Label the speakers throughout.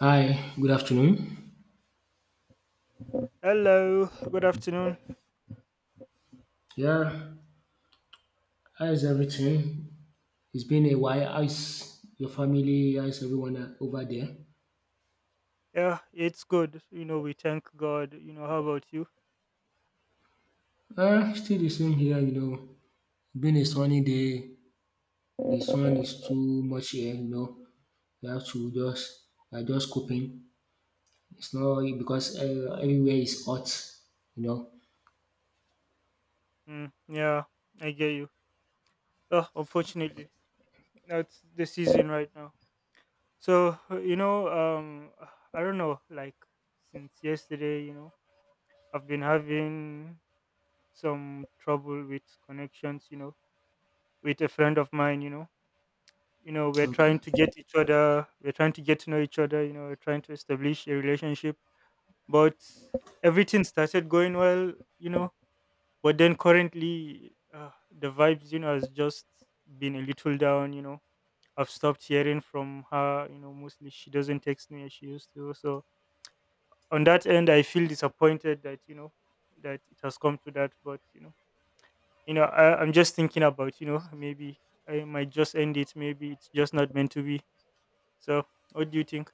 Speaker 1: Hi, good afternoon.
Speaker 2: Hello, good afternoon.
Speaker 1: Yeah, how is everything? It's been a while. How is your family? How is everyone over there?
Speaker 2: Yeah, it's good. You know, we thank God. You know, how about you?
Speaker 1: Still the same here, you know. Been a sunny day. The sun is too much here, you know. We have to just, we are just coping. It's not because everywhere is hot, you know.
Speaker 2: Mm, yeah, I get you. Oh, unfortunately, that's the season right now. So, I don't know, like since yesterday, you know, I've been having some trouble with connections, you know, with a friend of mine, you know. You know, we're
Speaker 1: Okay.
Speaker 2: trying to get each other, we're trying to get to know each other, you know, we're trying to establish a relationship, but everything started going well, you know. But then currently, the vibes, you know, has just been a little down. You know, I've stopped hearing from her. You know, mostly she doesn't text me as she used to. So on that end, I feel disappointed that, you know, that it has come to that. But you know, I'm just thinking about, you know, maybe I might just end it. Maybe it's just not meant to be. So what do you think?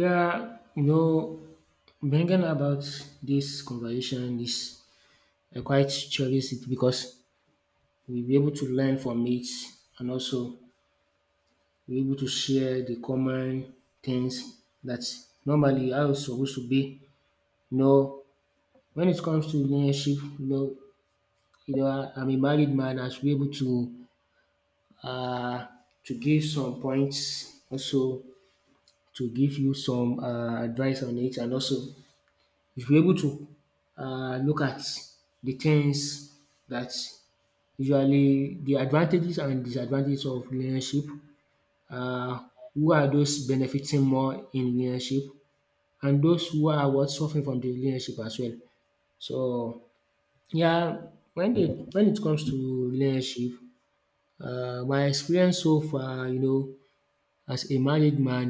Speaker 1: Yeah, you know, bringing about this conversation is I quite cherish it because we'll be able to learn from it and also be able to share the common things that normally how it's supposed to be. You know, when it comes to relationship, I'm a married man, I should be able uh, to give some points, also to give you some advice on it, and also you should be able to look at the things that usually the advantages and disadvantages of relationship, um who are those benefiting more in relationship and those who are what suffering from the relationship as well. So yeah, when it comes to relationship, my experience so far, you know, as a married man,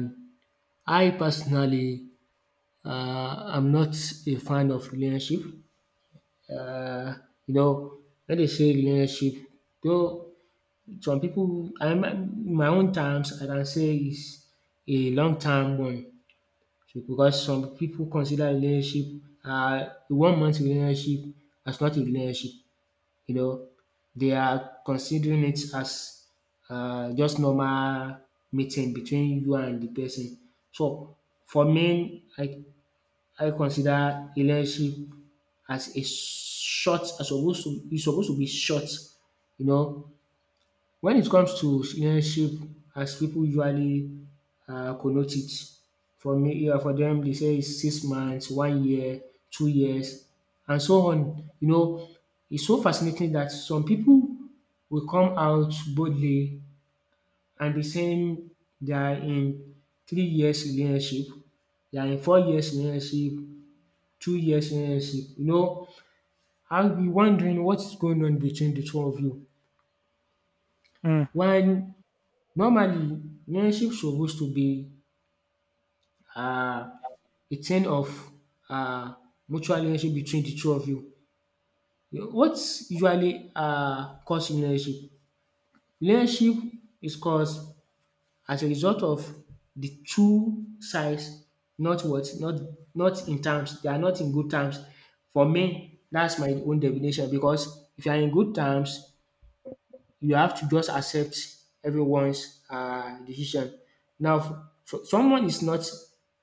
Speaker 1: I personally am not a fan of relationship. You know, when they say relationship, though some people, I my own terms I can say is a long term one. So because some people consider relationship one month relationship as not a relationship. You know, they are considering it as just normal meeting between you and the person. So for me, I consider relationship as a short as supposed to e supposed to be short, you know, when it comes to relationship as pipu usually connote it. For me, for dem dey say is 6 months, one year, 2 years and so on. You know, it's so fascinating that some pipu will come out boldly and be saying they are in 3 years relationship, they are in 4 years relationship, 2 years relationship. You know, I'll be wondering what is going on between the two of you?
Speaker 2: Mm.
Speaker 1: One Normally, relationship supposed to be um a ten of um mutual relationship between the two of you. What usually cause relationship? Relationship is caused as a result of the two sides not what not not in terms they are not in good terms. For me, that's my own definition because if you are in good terms you have to just accept everyone's decision. Now, someone is not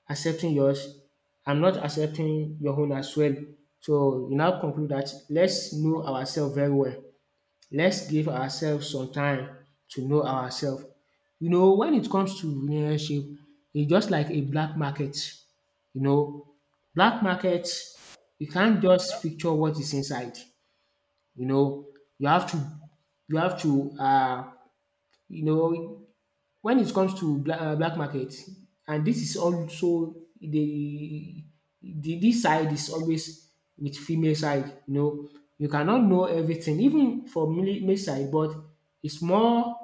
Speaker 1: accepting yours, I'm not accepting your own as well. So you now conclude that let's know ourselves very well. Let's give ourselves some time to know ourselves. You know, when it comes to relationship, it's just like a black market. You know, black market, you can't just picture what is inside. You know, you have to you have to you know, when it comes to black, black market. And this is also the, this side is always with female side. You know, you cannot know everything, even for male side, but it's more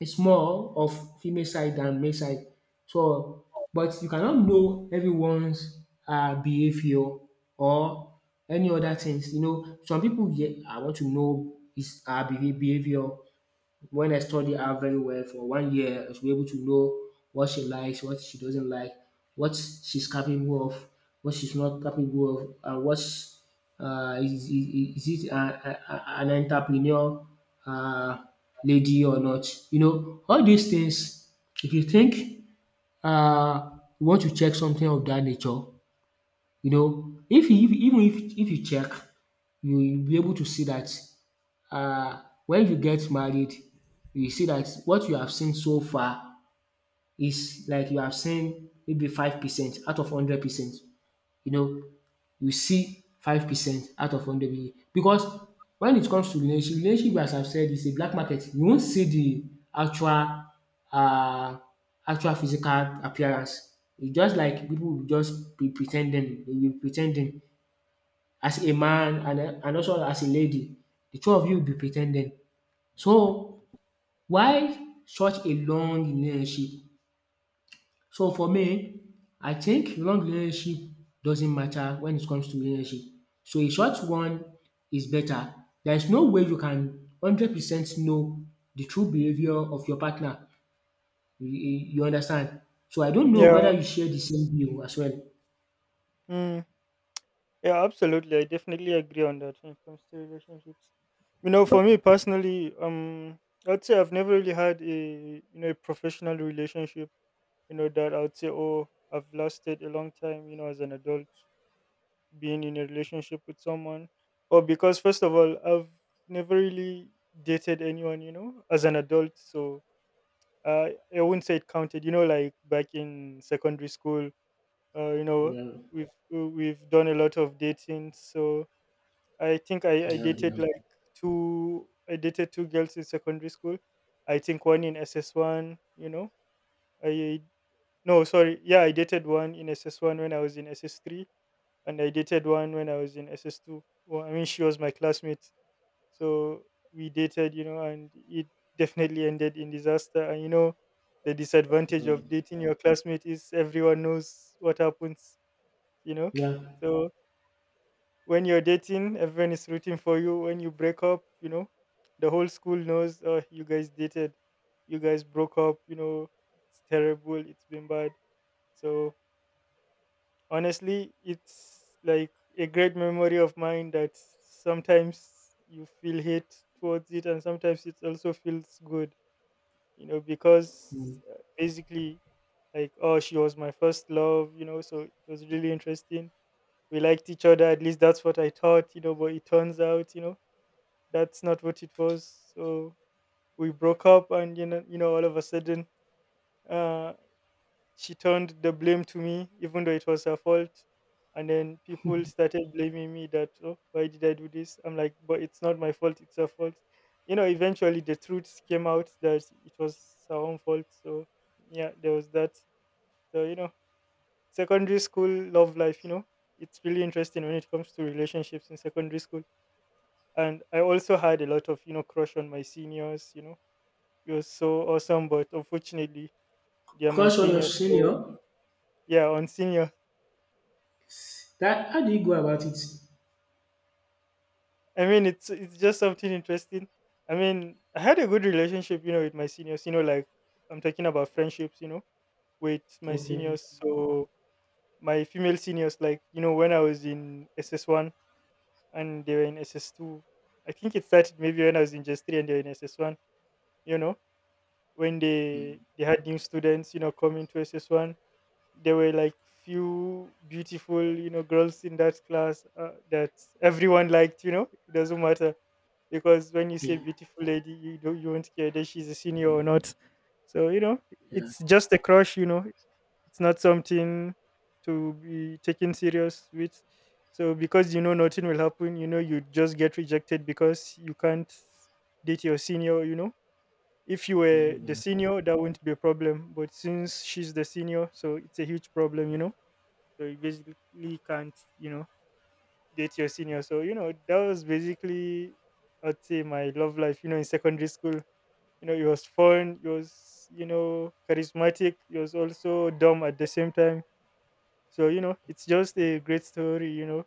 Speaker 1: it's more of female side than male side. So, but you cannot know everyone's behavior or any other things. You know, some people, yeah, I want to know his her behavior when I study her very well for one year, I should be able to know what she likes, what she doesn't like, what she's capable of, what she's not capable of, and what's is it an entrepreneur uh, lady or not? You know, all these things, if you think uh, you want to check something of that nature, you know, if you, if, even if you check, you will be able to see that when you get married you see that what you have seen so far is like you have seen maybe 5% out of 100%. You know, you see 5% out of 100% because when it comes to relationship, as I've said is a black market. You won't see the actual uh actual physical appearance. It's just like people will just be pretending, ten ding, be pre as a man, and also as a lady. The two of you will be pretending. So why such a long relationship? So for me, I think long relationship doesn't matter when it comes to relationship. So a short one is better. There is no way you can 100% know the true behaviour of your partner. You understand? So I don't know
Speaker 2: Yeah.
Speaker 1: whether you share the same view as well.
Speaker 2: Mm. Yeah, absolutely. I definitely agree on that when it comes to relationships. You know, for me personally, I'd say I've never really had a, you know, a professional relationship. You know that I'd say, oh, I've lasted a long time. You know, as an adult, being in a relationship with someone, or because first of all, I've never really dated anyone. You know, as an adult, so uh, I wouldn't say it counted. You know, like back in secondary school, you know,
Speaker 1: Yeah,
Speaker 2: we've done a lot of dating. So I think I
Speaker 1: yeah,
Speaker 2: dated two girls in secondary school. I think one in SS one, you know. I No, sorry, yeah, I dated one in SS one when I was in SS three, and I dated one when I was in SS two. Well, I mean, she was my classmate. So we dated, you know, and it definitely ended in disaster. And you know, the
Speaker 1: yeah,
Speaker 2: disadvantage
Speaker 1: mm,
Speaker 2: of dating your classmate is everyone knows what happens, you know.
Speaker 1: yeah.
Speaker 2: So when you're dating, everyone is rooting for you. When you break up, you know, the whole school knows, oh, you guys dated, you guys broke up, you know. It's terrible, it's been bad. So honestly, it's like a great memory of mine that sometimes you feel hate towards it and sometimes it also feels good, you know, because,
Speaker 1: Mm.
Speaker 2: basically, like, oh, she was my first love, you know, so it was really interesting. We liked each other, at least that's what I thought, you know, but it turns out, you know, that's not what it was. So we broke up, and you know, all of a sudden, uh, she turned the blame to me, even though it was her fault. And then people started blaming me, that, oh, why did I do this? I'm like, but it's not my fault; it's her fault. You know, eventually the truth came out that it was her own fault. So yeah, there was that. So you know, secondary school love life. You know, it's really interesting when it comes to relationships in secondary school, and I also had a lot of, you know, crush on my seniors, you know. You're so awesome, but unfortunately, they're my
Speaker 1: Crush on your
Speaker 2: seniors. So
Speaker 1: senior?
Speaker 2: yeah, on senior.
Speaker 1: That how do you go about it?
Speaker 2: I mean, it's just something interesting. I mean, I had a good relationship, you know, with my seniors. You know, like, I'm talking about friendships, you know, with my
Speaker 1: Okay.
Speaker 2: seniors. So my female seniors, like, you know, when I was in SS one and they were in SS two. I think it started maybe when I was in just three and they were in SS one. You know, when they had new students, you know, coming to SS one, there were like few beautiful, you know, girls in that class, that everyone liked, you know. It doesn't matter, because when you
Speaker 1: Yeah,
Speaker 2: say beautiful lady, you won't care that she's a senior or not, so you know,
Speaker 1: yeah,
Speaker 2: it's just a crush, you know. It's not something to be taken serious with. So because you know nothing will happen, you know, you just get rejected because you can't date your senior, you know. If you
Speaker 1: yeah,
Speaker 2: were the
Speaker 1: yeah.
Speaker 2: senior, that wouldn't be a problem. But since she's the senior, so it's a huge problem, you know. So you basically can't, you know, date your senior. So you know, that was basically, I'd say, my love life. You know, in secondary school, you know, it was fun. It was, you know, charismatic. It was also dumb at the same time. So you know, it's just a great story, you know,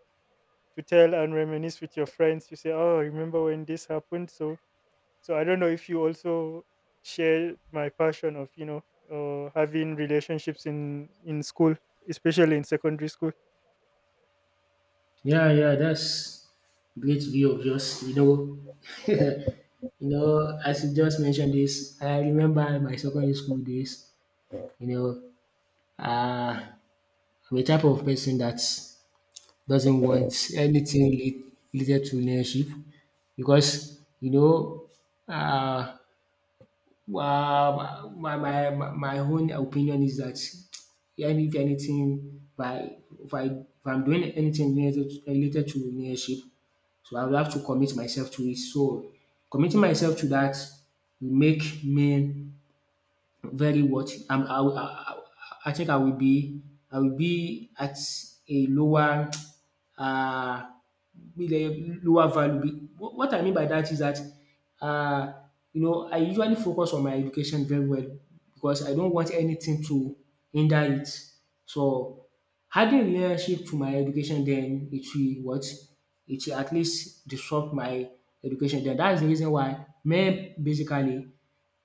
Speaker 2: to tell and reminisce with your friends. You say, "Oh, remember when this happened?" So so I don't know if you also share my passion of, you know, having relationships in school, especially in secondary school.
Speaker 1: Yeah, yeah, that's great view of yours. You know, you know, as you just mentioned this, I remember my secondary school days. You know, uh, I'm a type of person that doesn't want anything related to leadership because, you know, uh, well, my own opinion is that if anything, if I if I'm doing anything related to leadership, so I will have to commit myself to it. So committing myself to that will make me very what I think I will be at a lower uh with a lower value. What I mean by that is that uh you know, I usually focus on my education very well because I don't want anything to hinder it. So adding relationship to my education, then it will at least disrupt my education. Then that is the reason why men basically,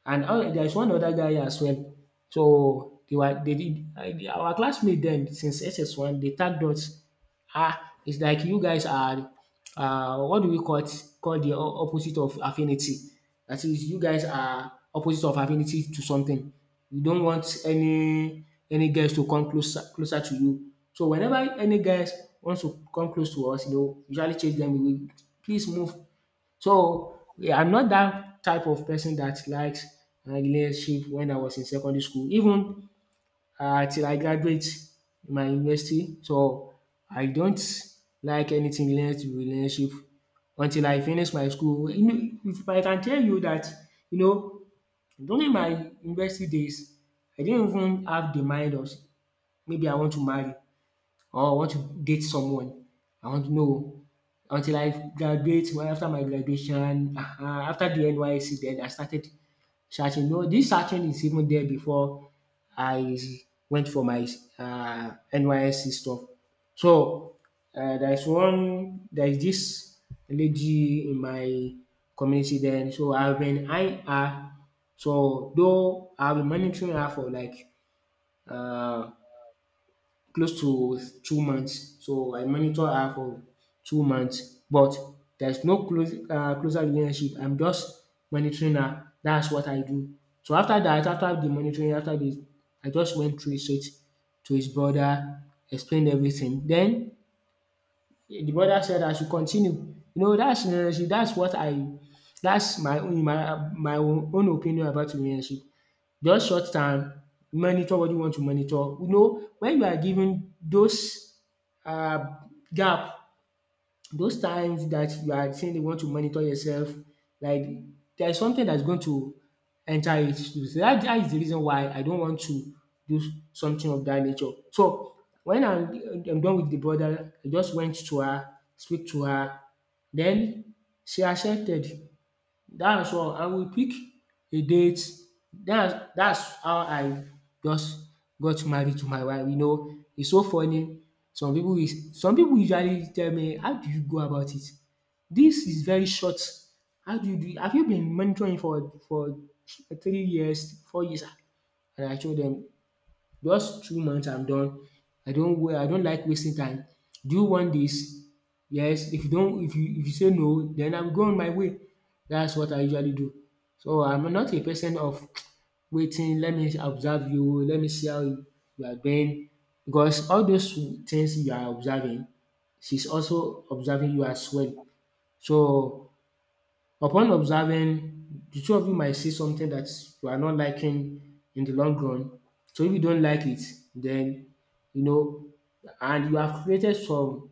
Speaker 1: and oh, there is one other guy as well. So they were they did our classmate dem since SS1. They tag us ah, it's like you guys are, what do we call it? Call the opposite of affinity. That is, you guys are opposite of affinity to something. You don't want any guys to come closer to you. So whenever any guys wants to come close to us, you know, usually chase them away. Please move. So, yeah, I'm not that type of person that likes relationship when I was in secondary school, even till I graduate in my university. So, I don't like anything related to relationship until I finish my school. You know, if I can tell you that, you know, during my university days, I didn't even have the mind of maybe I want to marry or I want to date someone. I want to know until I graduate. Well, after my graduation, after the NYSC, then I started searching. No, this searching is even there before I went for my NYSC stuff. So there's this lady in my community then. So I've been eyeing her. So though I've been monitoring her for like uh, close to 2 months. So I monitor her for 2 months, but there's no close closer relationship. I'm just monitoring her. That's what I do. So after that, after the monitoring, after this, I just went through it to his brother, explained everything. Then the brother said I should continue. You know, that's relationship. That's what I that's my own, my own opinion about relationship. Just short time, monitor what you want to monitor. You know, when you are given those gap, those times that you are saying you want to monitor yourself, like there is something that's going to enter it. So dat the reason why I don't want to do something of that nature. So when I'm done with the brother, I just went to her, speak to her. Then she accepted. That's all. I will pick a date. That's how I just got married to my wife. You know, it's so funny. Some people usually tell me, how do you go about it? This is very short. How do you do it? Have you been monitoring for 3 years, 4 years? And I show them. Just 2 months, I'm done. I don't like wasting time. Do you want this? Yes. If you don't if you say no, then I'm going my way. That's what I usually do. So I'm not a person of waiting, let me observe you, let me see how you are doing, because all those things you are observing, she's also observing you as well. So upon observing, the two of you might see something that you are not liking in the long run. So if you don't like it, then you know, and you have created some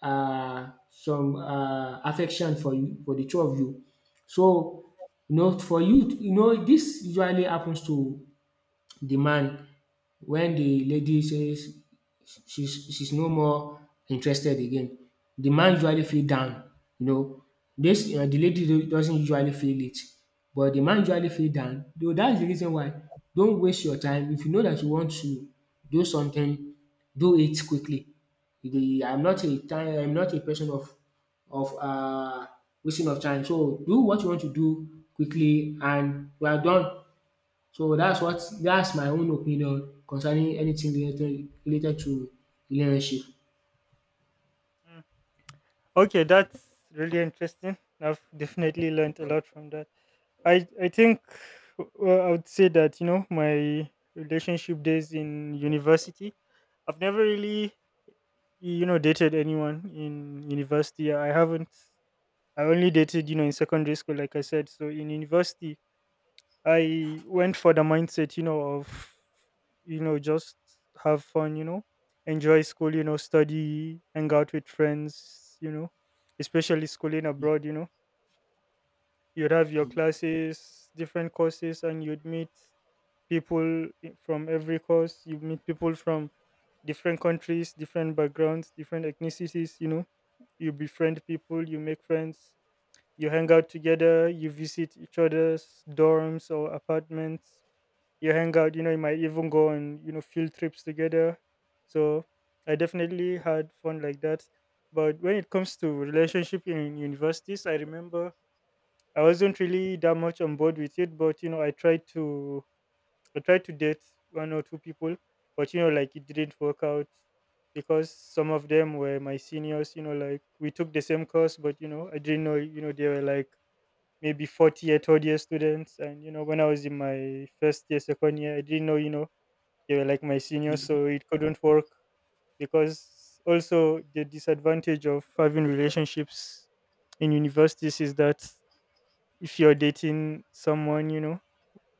Speaker 1: uh, some affection for you for the two of you. So you know, for you, you know, this usually happens to the man when the lady says she's no more interested again. The man usually feel down, you know. This the lady do doesn't usually feel it, but the man usually feel down. Though that's the reason why, don't waste your time. If you know that you want to do something, do it quickly. The I'm not a time I'm not a person of wasting of time. So do what you want to do quickly and you are done. So that's my own opinion concerning anything related to relationship.
Speaker 2: Mm. Okay, that's really interesting. I've definitely learned a lot from that. I think, well, I would say that, you know, my relationship days in university. I've never really, you know, dated anyone in university. I haven't. I only dated, you know, in secondary school, like I said. So in university, I went for the mindset, you know, of, you know, just have fun, you know, enjoy school, you know, study, hang out with friends, you know, especially schooling abroad, you know. You'd have your classes, different courses, and you'd meet people from every course. You meet people from different countries, different backgrounds, different ethnicities, you know. You befriend people, you make friends, you hang out together, you visit each other's dorms or apartments, you hang out, you know, you might even go on, you know, field trips together. So I definitely had fun like that, but when it comes to relationship in universities, I remember I wasn't really that much on board with it, but you know, I tried to date one or two people, but you know, like, it didn't work out because some of them were my seniors, you know. Like, we took the same course, but you know, I didn't know, you know, they were like maybe 40-year third year students, and you know, when I was in my first year, second year, I didn't know, you know, they were like my seniors, so it couldn't work, because also the disadvantage of having relationships in universities is that if you're dating someone, you know,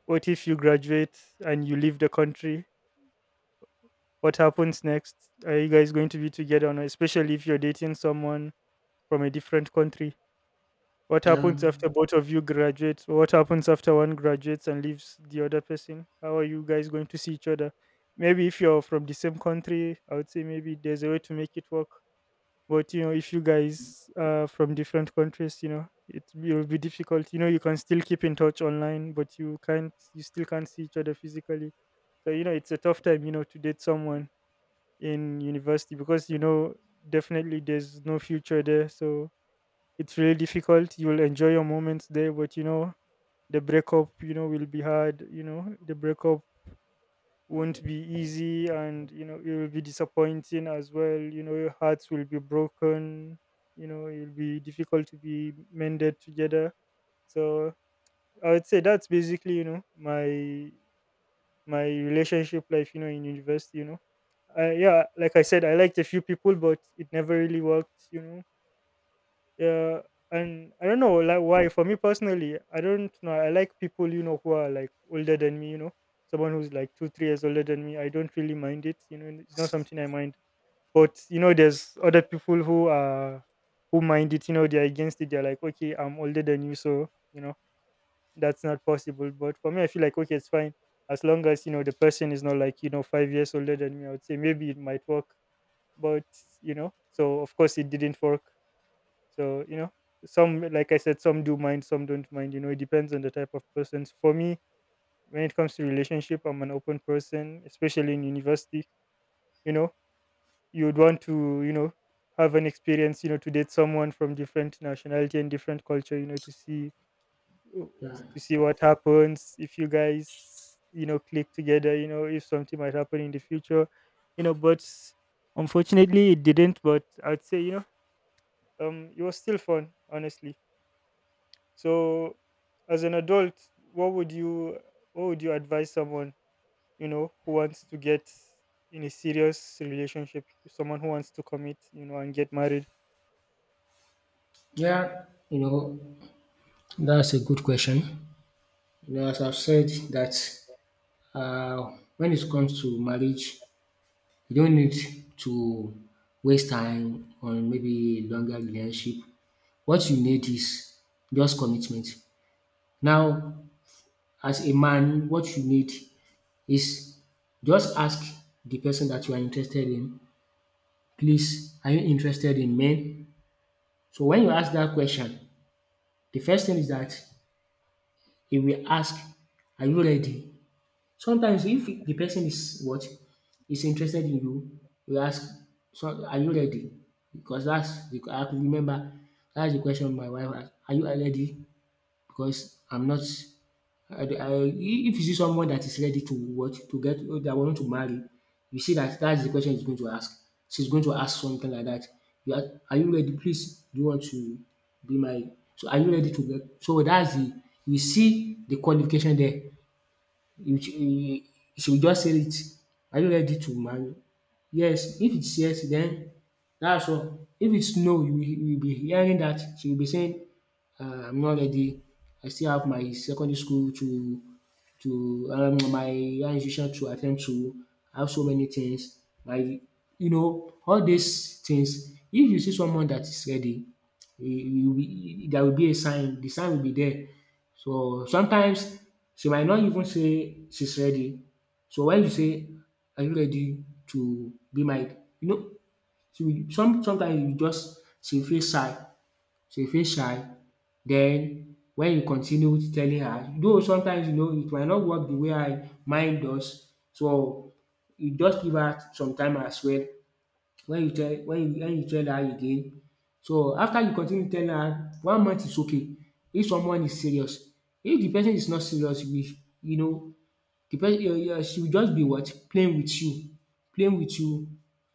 Speaker 2: what if you graduate and you leave the country? What happens next? Are you guys going to be together or not? Especially if you're dating someone from a different country. What
Speaker 1: Yeah,
Speaker 2: happens after both of you graduate? What happens after one graduates and leaves the other person? How are you guys going to see each other? Maybe if you're from the same country, I would say maybe there's a way to make it work. But you know, if you guys are from different countries, you know, it will be difficult. You know, you can still keep in touch online, but you can't. You still can't see each other physically. So you know, it's a tough time. You know, to date someone in university, because you know, definitely there's no future there. So it's really difficult. You will enjoy your moments there, but you know, the breakup, you know, will be hard. You know, the breakup won't be easy, and you know, it will be disappointing as well. You know, your hearts will be broken. You know, it'll be difficult to be mended together. So I would say that's basically, you know, my relationship life, you know, in university, you know. I, yeah, like I said, I liked a few people, but it never really worked, you know. Yeah, and I don't know, like, why, for me personally, I don't know, I like people, you know, who are like older than me, you know. Someone who's like 2-3 years older than me, I don't really mind it, you know, and it's not something I mind. But you know, there's other people who mind it, you know. They're against it. They're like, okay, I'm older than you, so you know that's not possible. But for me, I feel like, okay, it's fine. As long as, you know, the person is not like, you know, 5 years older than me, I would say maybe it might work. But you know, so of course it didn't work. So, you know, some, like I said, some do mind, some don't mind. You know, it depends on the type of persons. For me, when it comes to relationship, I'm an open person, especially in university. You know, you would want to, you know, have an experience, you know, to date someone from different nationality and different culture, you know, to see oh,
Speaker 1: yeah,
Speaker 2: to see what happens if you guys, you know, click together, you know, if something might happen in the future, you know, but unfortunately it didn't, but I'd say, you know, it was still fun, honestly. So as an adult, what would you what would you advise someone, you know, who wants to get in a serious relationship, someone who wants to commit, you know, and get married?
Speaker 1: yeah, you know, that's a good question. As I've said that, uh, when it comes to marriage, you don't need to waste time on maybe longer relationship. What you need is just commitment. Now, as a man, what you need is just ask the person that you are interested in, "Please, are you interested in men?" So when you ask that question, the first thing is that he will ask, "Are you ready?" Sometimes if the person is what is interested in you, e will ask, "So are you ready?" Because dats de Remember, that's the question my wife asked: "Are you ready?" because I'm not I I If you see someone that is ready to what, to get, that want to marry, you see that that's the question he's going to ask. She's going to ask something like that. Are you ready? Please, do you want to be my, so are you ready to get, so that's the, you see the qualification there. You she will just say it. "Are you ready to marry?" Yes. If it's yes, then that's all. If it's no, you will, be hearing that. She will be saying, "I'm not ready. I still have my secondary school to, my higher institution to attend to. I have so many things." Like, all these things. If you see someone that is ready, e will be there will be a sign. The sign will be there, so sometimes she might not even say she's ready. So when you say, "Are you ready to be my," she will, sometimes, you just she feel shy. She feel shy. Then when you continue telling her, though sometimes it might not work the way I mind does. So you just give her some time as well, when you tell, when you tell her again. So after you continue telling her, 1 month is okay if someone is serious. If the person is not serious, you know the person, she will just be what? Playing with you, playing with you,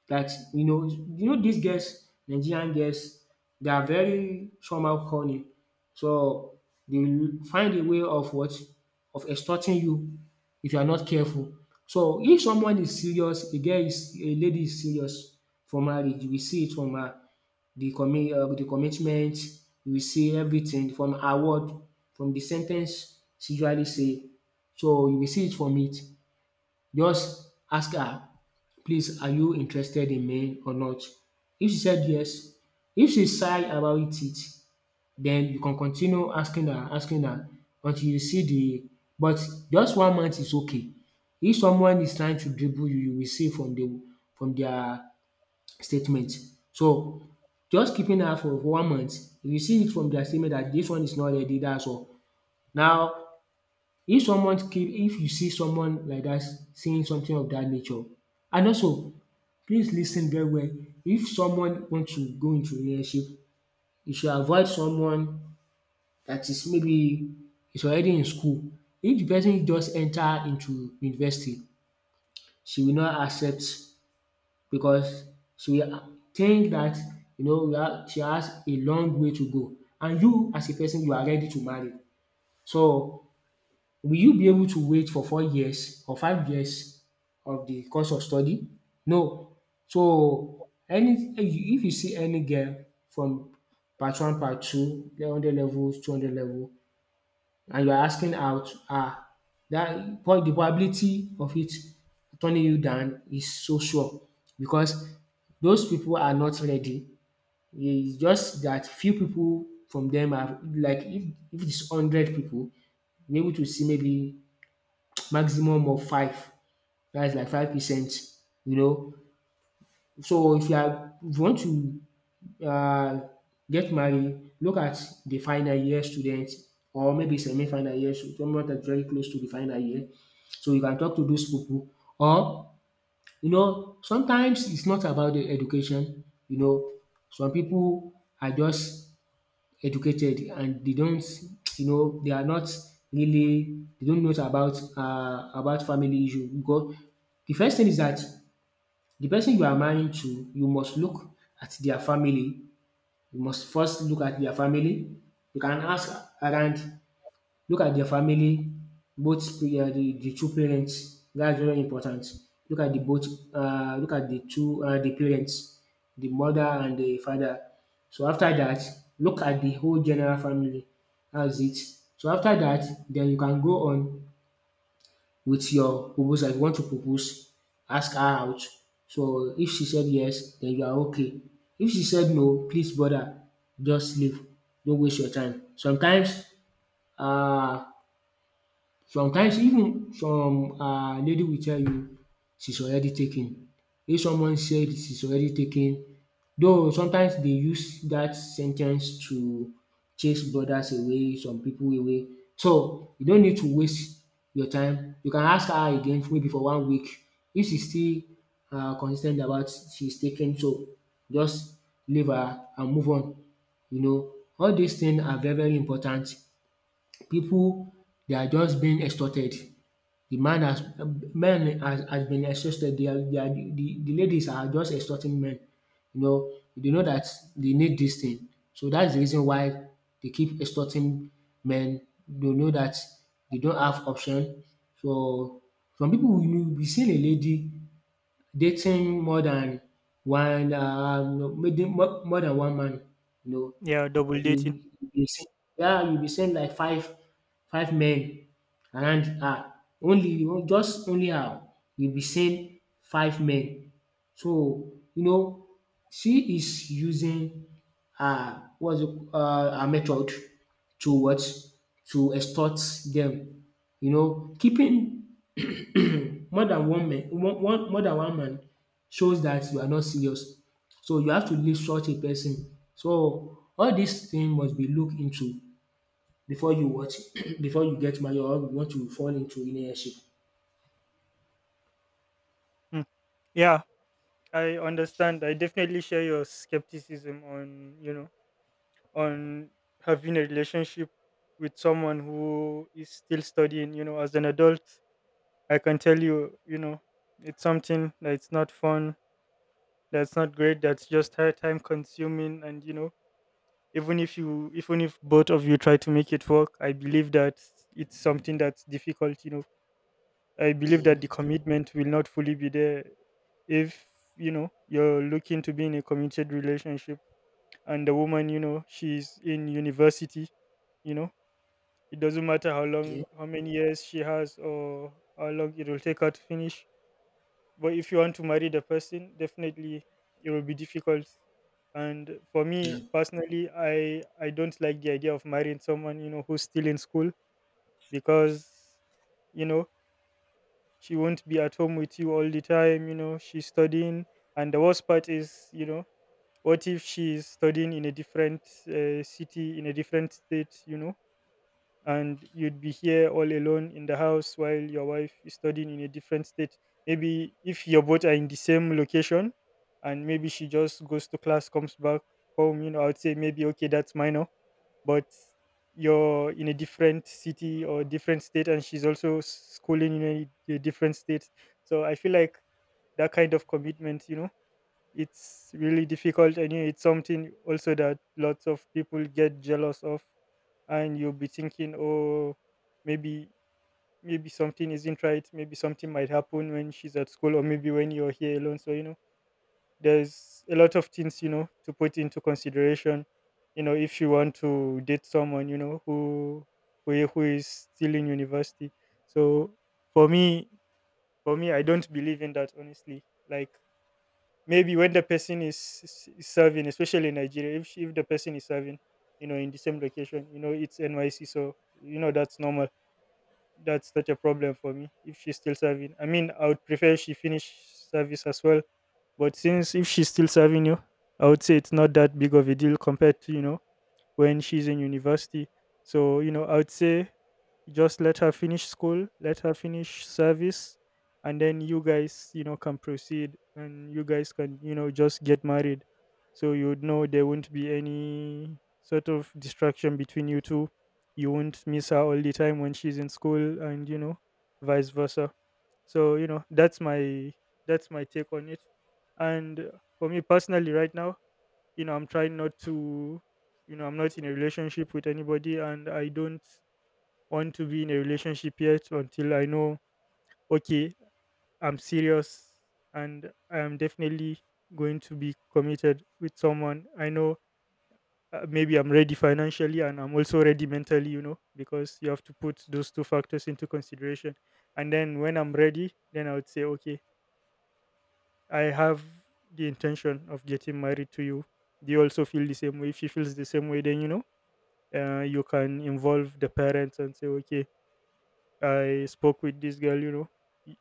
Speaker 1: that, you know these girls, Nigerian girls, they are very somehow cunning. So they will find a way of what? Of extorting you if you are not careful. So if someone is serious, a girl is, a lady is serious for marriage, we see it from her, the commitment. We see everything from her word, from the sen ten ce she usually say, so you will see it from it. Just ask her, "Please, are you interested in me or not?" If she said yes, if she's shy about it, then you can continue asking her, until you see the, but just 1 month is okay. If someone is trying to dribble you, you will see from the, from their statement. So just keeping her for, 1 month, you will see it from their statement that this one is not ready, dat's all. Now, if you see someone like that saying something of that nature, and also, please lis ten very well. If someone want to go into relationship, you should avoid someone that is maybe, is already in school. If the person just enter into university, she will not accept, because she will think that, you know, we ha- she has a long way to go, and you as a person, you are ready to marry. So will you be able to wait for 4 years or 5 years of the course of study? No. So any, if you see any girl from part one, part two, 100 level, 200 level, and you are asking out, ah, that po the probability of it turning you down is so sure, because those people are not ready. It's just that few people from them are like, if it's 100 people, you're able to see maybe maximum of 5. That's like 5%, you know. So if you are, if you want to um get married, look at the final year student, or maybe semi-final year, so someone that is very close to the final year. So you can talk to those people. Or, you know, sometimes it's not about the education. Some people are just educated and they don't, you know, they are not really, they don't know about, about family issue. Because the first thing is that the person you are marrying to, you must look at their family. You must first look at their family. You can ask around. Look at their family, both the, the two parents, that's very important. Look at the both, look at the two, the parents, the mother and the father. So after that, look at the whole general family, that's it. So after that, then you can go on with your proposal. If you want to propose, ask her out. So if she said yes, then you are okay. If she said no, please brother, just leave. Don't waste your time. Sometimes, uh. Sometimes even some lady will tell you she's already taken. If someone said she's already taken, though sometimes they use that sen ten ce to chase brothers away, some people away. So you don't need to waste your time. You can ask her again, maybe for 1 week. If she still, consis ten t about she's taken, so just leave her and move on. You know, all dis things are very very important. People, they are just being extorted. The man has, men has, been extorted. They are, the ladies are just extorting men. You know, they know that they need this thing. So that's the reason why they keep extorting men. They know that they don't have option. So some people, you be seeing a lady dating more than one, maybe more than one man, you know.
Speaker 2: Yeah, double dating.
Speaker 1: You you be se yeah, you be send like, five men around her. Only you, just only her, you be send five men. So you know, she is using her, what's it, her method, to what? To extort them. You know, keeping more than one man, one one more than one man, shows that you are not serious, so you have to leave such a person. So all these things must be looked into before you what before you get married, or you want to fall into relationship.
Speaker 2: Mm. Yeah, I understand. I definitely share your skepticism on, you know, on having a relationship with someone who is still studying, you know, as an adult. I can tell you, you know, it's something that it's not fun, that's not great, that's just her time consuming. And you know, even if you even if both of you try to make it work, I believe that it's something that's difficult, you know. I believe
Speaker 1: Yeah,
Speaker 2: that the commitment will not fully be there if, you know, you're looking to be in a committed relationship and the woman, you know, she's in university. You know, it doesn't matter how long,
Speaker 1: yeah,
Speaker 2: how many years she has or how long it will take her to finish, but if you want to marry the person, definitely it will be difficult. And for
Speaker 1: yeah,
Speaker 2: me personally, I don't like the idea of marrying someone, you know, who's still in school. Because you know, she won't be at home with you all the time. You know, she's studying, and the worst part is, you know, what if she's studying in a different city, in a different state? You know, and you'd be here all alone in the house while your wife is studying in a different state. Maybe if you both are in the same location and maybe she just goes to class, comes back home, you know, I would say maybe okay, that's minor, but you're in a different city or different state and she's also schooling in a different state. So I feel like that kind of commitment, you know, it's really difficult. And you- it's something also that lots of people get jealous of, and you'll be thinking, oh, maybe maybe something isn't right, maybe something might happen when she's at school or maybe when you're here alone. So you know, there's a lot of things, you know, to put into consideration, you know, if you want to date someone, you know, who who is still in university. So for me, for me, I don't believe in that, honestly. Like maybe when the person is serving, especially in Nigeria, if the person is serving, you know, in the same location, you know, it's NYC, so you know that's normal. That's not a problem for me if she's still serving. I mean, I would prefer she finish service as well, but since if she's still serving you, I would say it's not that big of a deal compared to, you know, when she's in university. So, you know, I would say just let her finish school, let her finish service, and then you guys, you know, can proceed and you guys can, you know, just get married. So you would know there won't be any sort of distraction between you two. You won't miss her all the time when she's in school and, you know, vice versa. So, you know, that's my take on it. And for me personally right now, you know, I'm trying not to, you know, I'm not in a relationship with anybody and I don't want to be in a relationship yet until I know, okay, I'm serious and I am definitely going to be committed with someone. I know, maybe I'm ready financially and I'm also ready mentally, you know, because you have to put those two factors into consideration. And then when I'm ready, then I would say, okay, I have the intention of getting married to you. Do you also feel the same way? If she feels the same way, then, you know, you can involve the parents and say, okay, I spoke with this girl, you know y-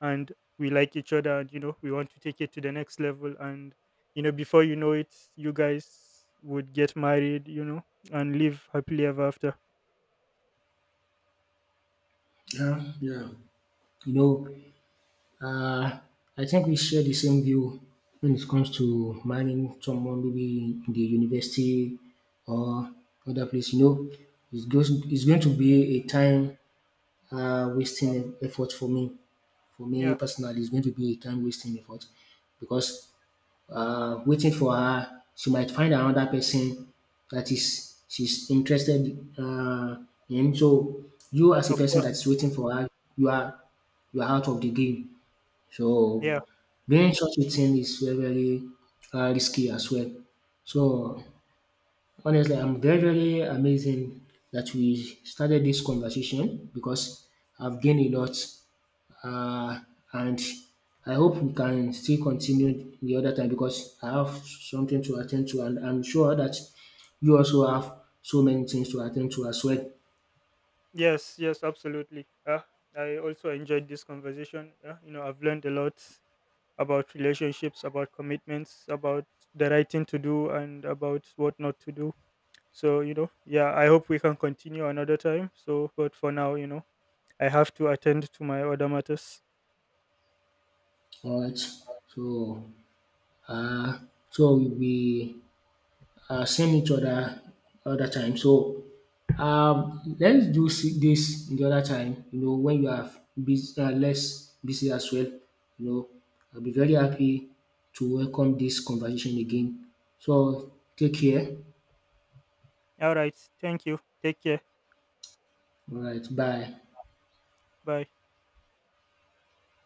Speaker 2: and we like each other and you know we want to take it to the next level, and you know before you know it you guys would get married, you know, and live happily ever after.
Speaker 1: yeah, yeah. You know, um I think we share the same view when it comes to marrying someone, maybe in the university or other place. You know, it's goes, it's going to be a time, wasting effort for me. For me
Speaker 2: Yeah,
Speaker 1: personally, it's going to be a time wasting effort, because, waiting for her, she might find another person that is she's interested, uh, in. So you as a
Speaker 2: of
Speaker 1: person
Speaker 2: course.
Speaker 1: that's waiting for her, you are, out of the game. So
Speaker 2: Yeah.
Speaker 1: doing such a thing is very very, risky as well. So honestly, I'm very very amazing that we started this conversation, because I've gained a lot, uh, and I hope we can still continue the other time, because I have something to attend to, and I'm sure that you also have so many things to attend to as well.
Speaker 2: Yes, yes, absolutely. I also enjoyed this conversation. You know, I've learned a lot about relationships, about commitments, about the right thing to do and about what not to do. So, you know, yeah, I hope we can continue another time. So, but for now, you know, I have to attend to my other matters.
Speaker 1: All right. So, uh, so we, send each other other time. So, let's do s- this in the other time, you know, when you are busy, less busy as well. You know, I'll be very happy to welcome this conversation again. So take care.
Speaker 2: All right. Thank you. Take care.
Speaker 1: All right. Bye.
Speaker 2: Bye.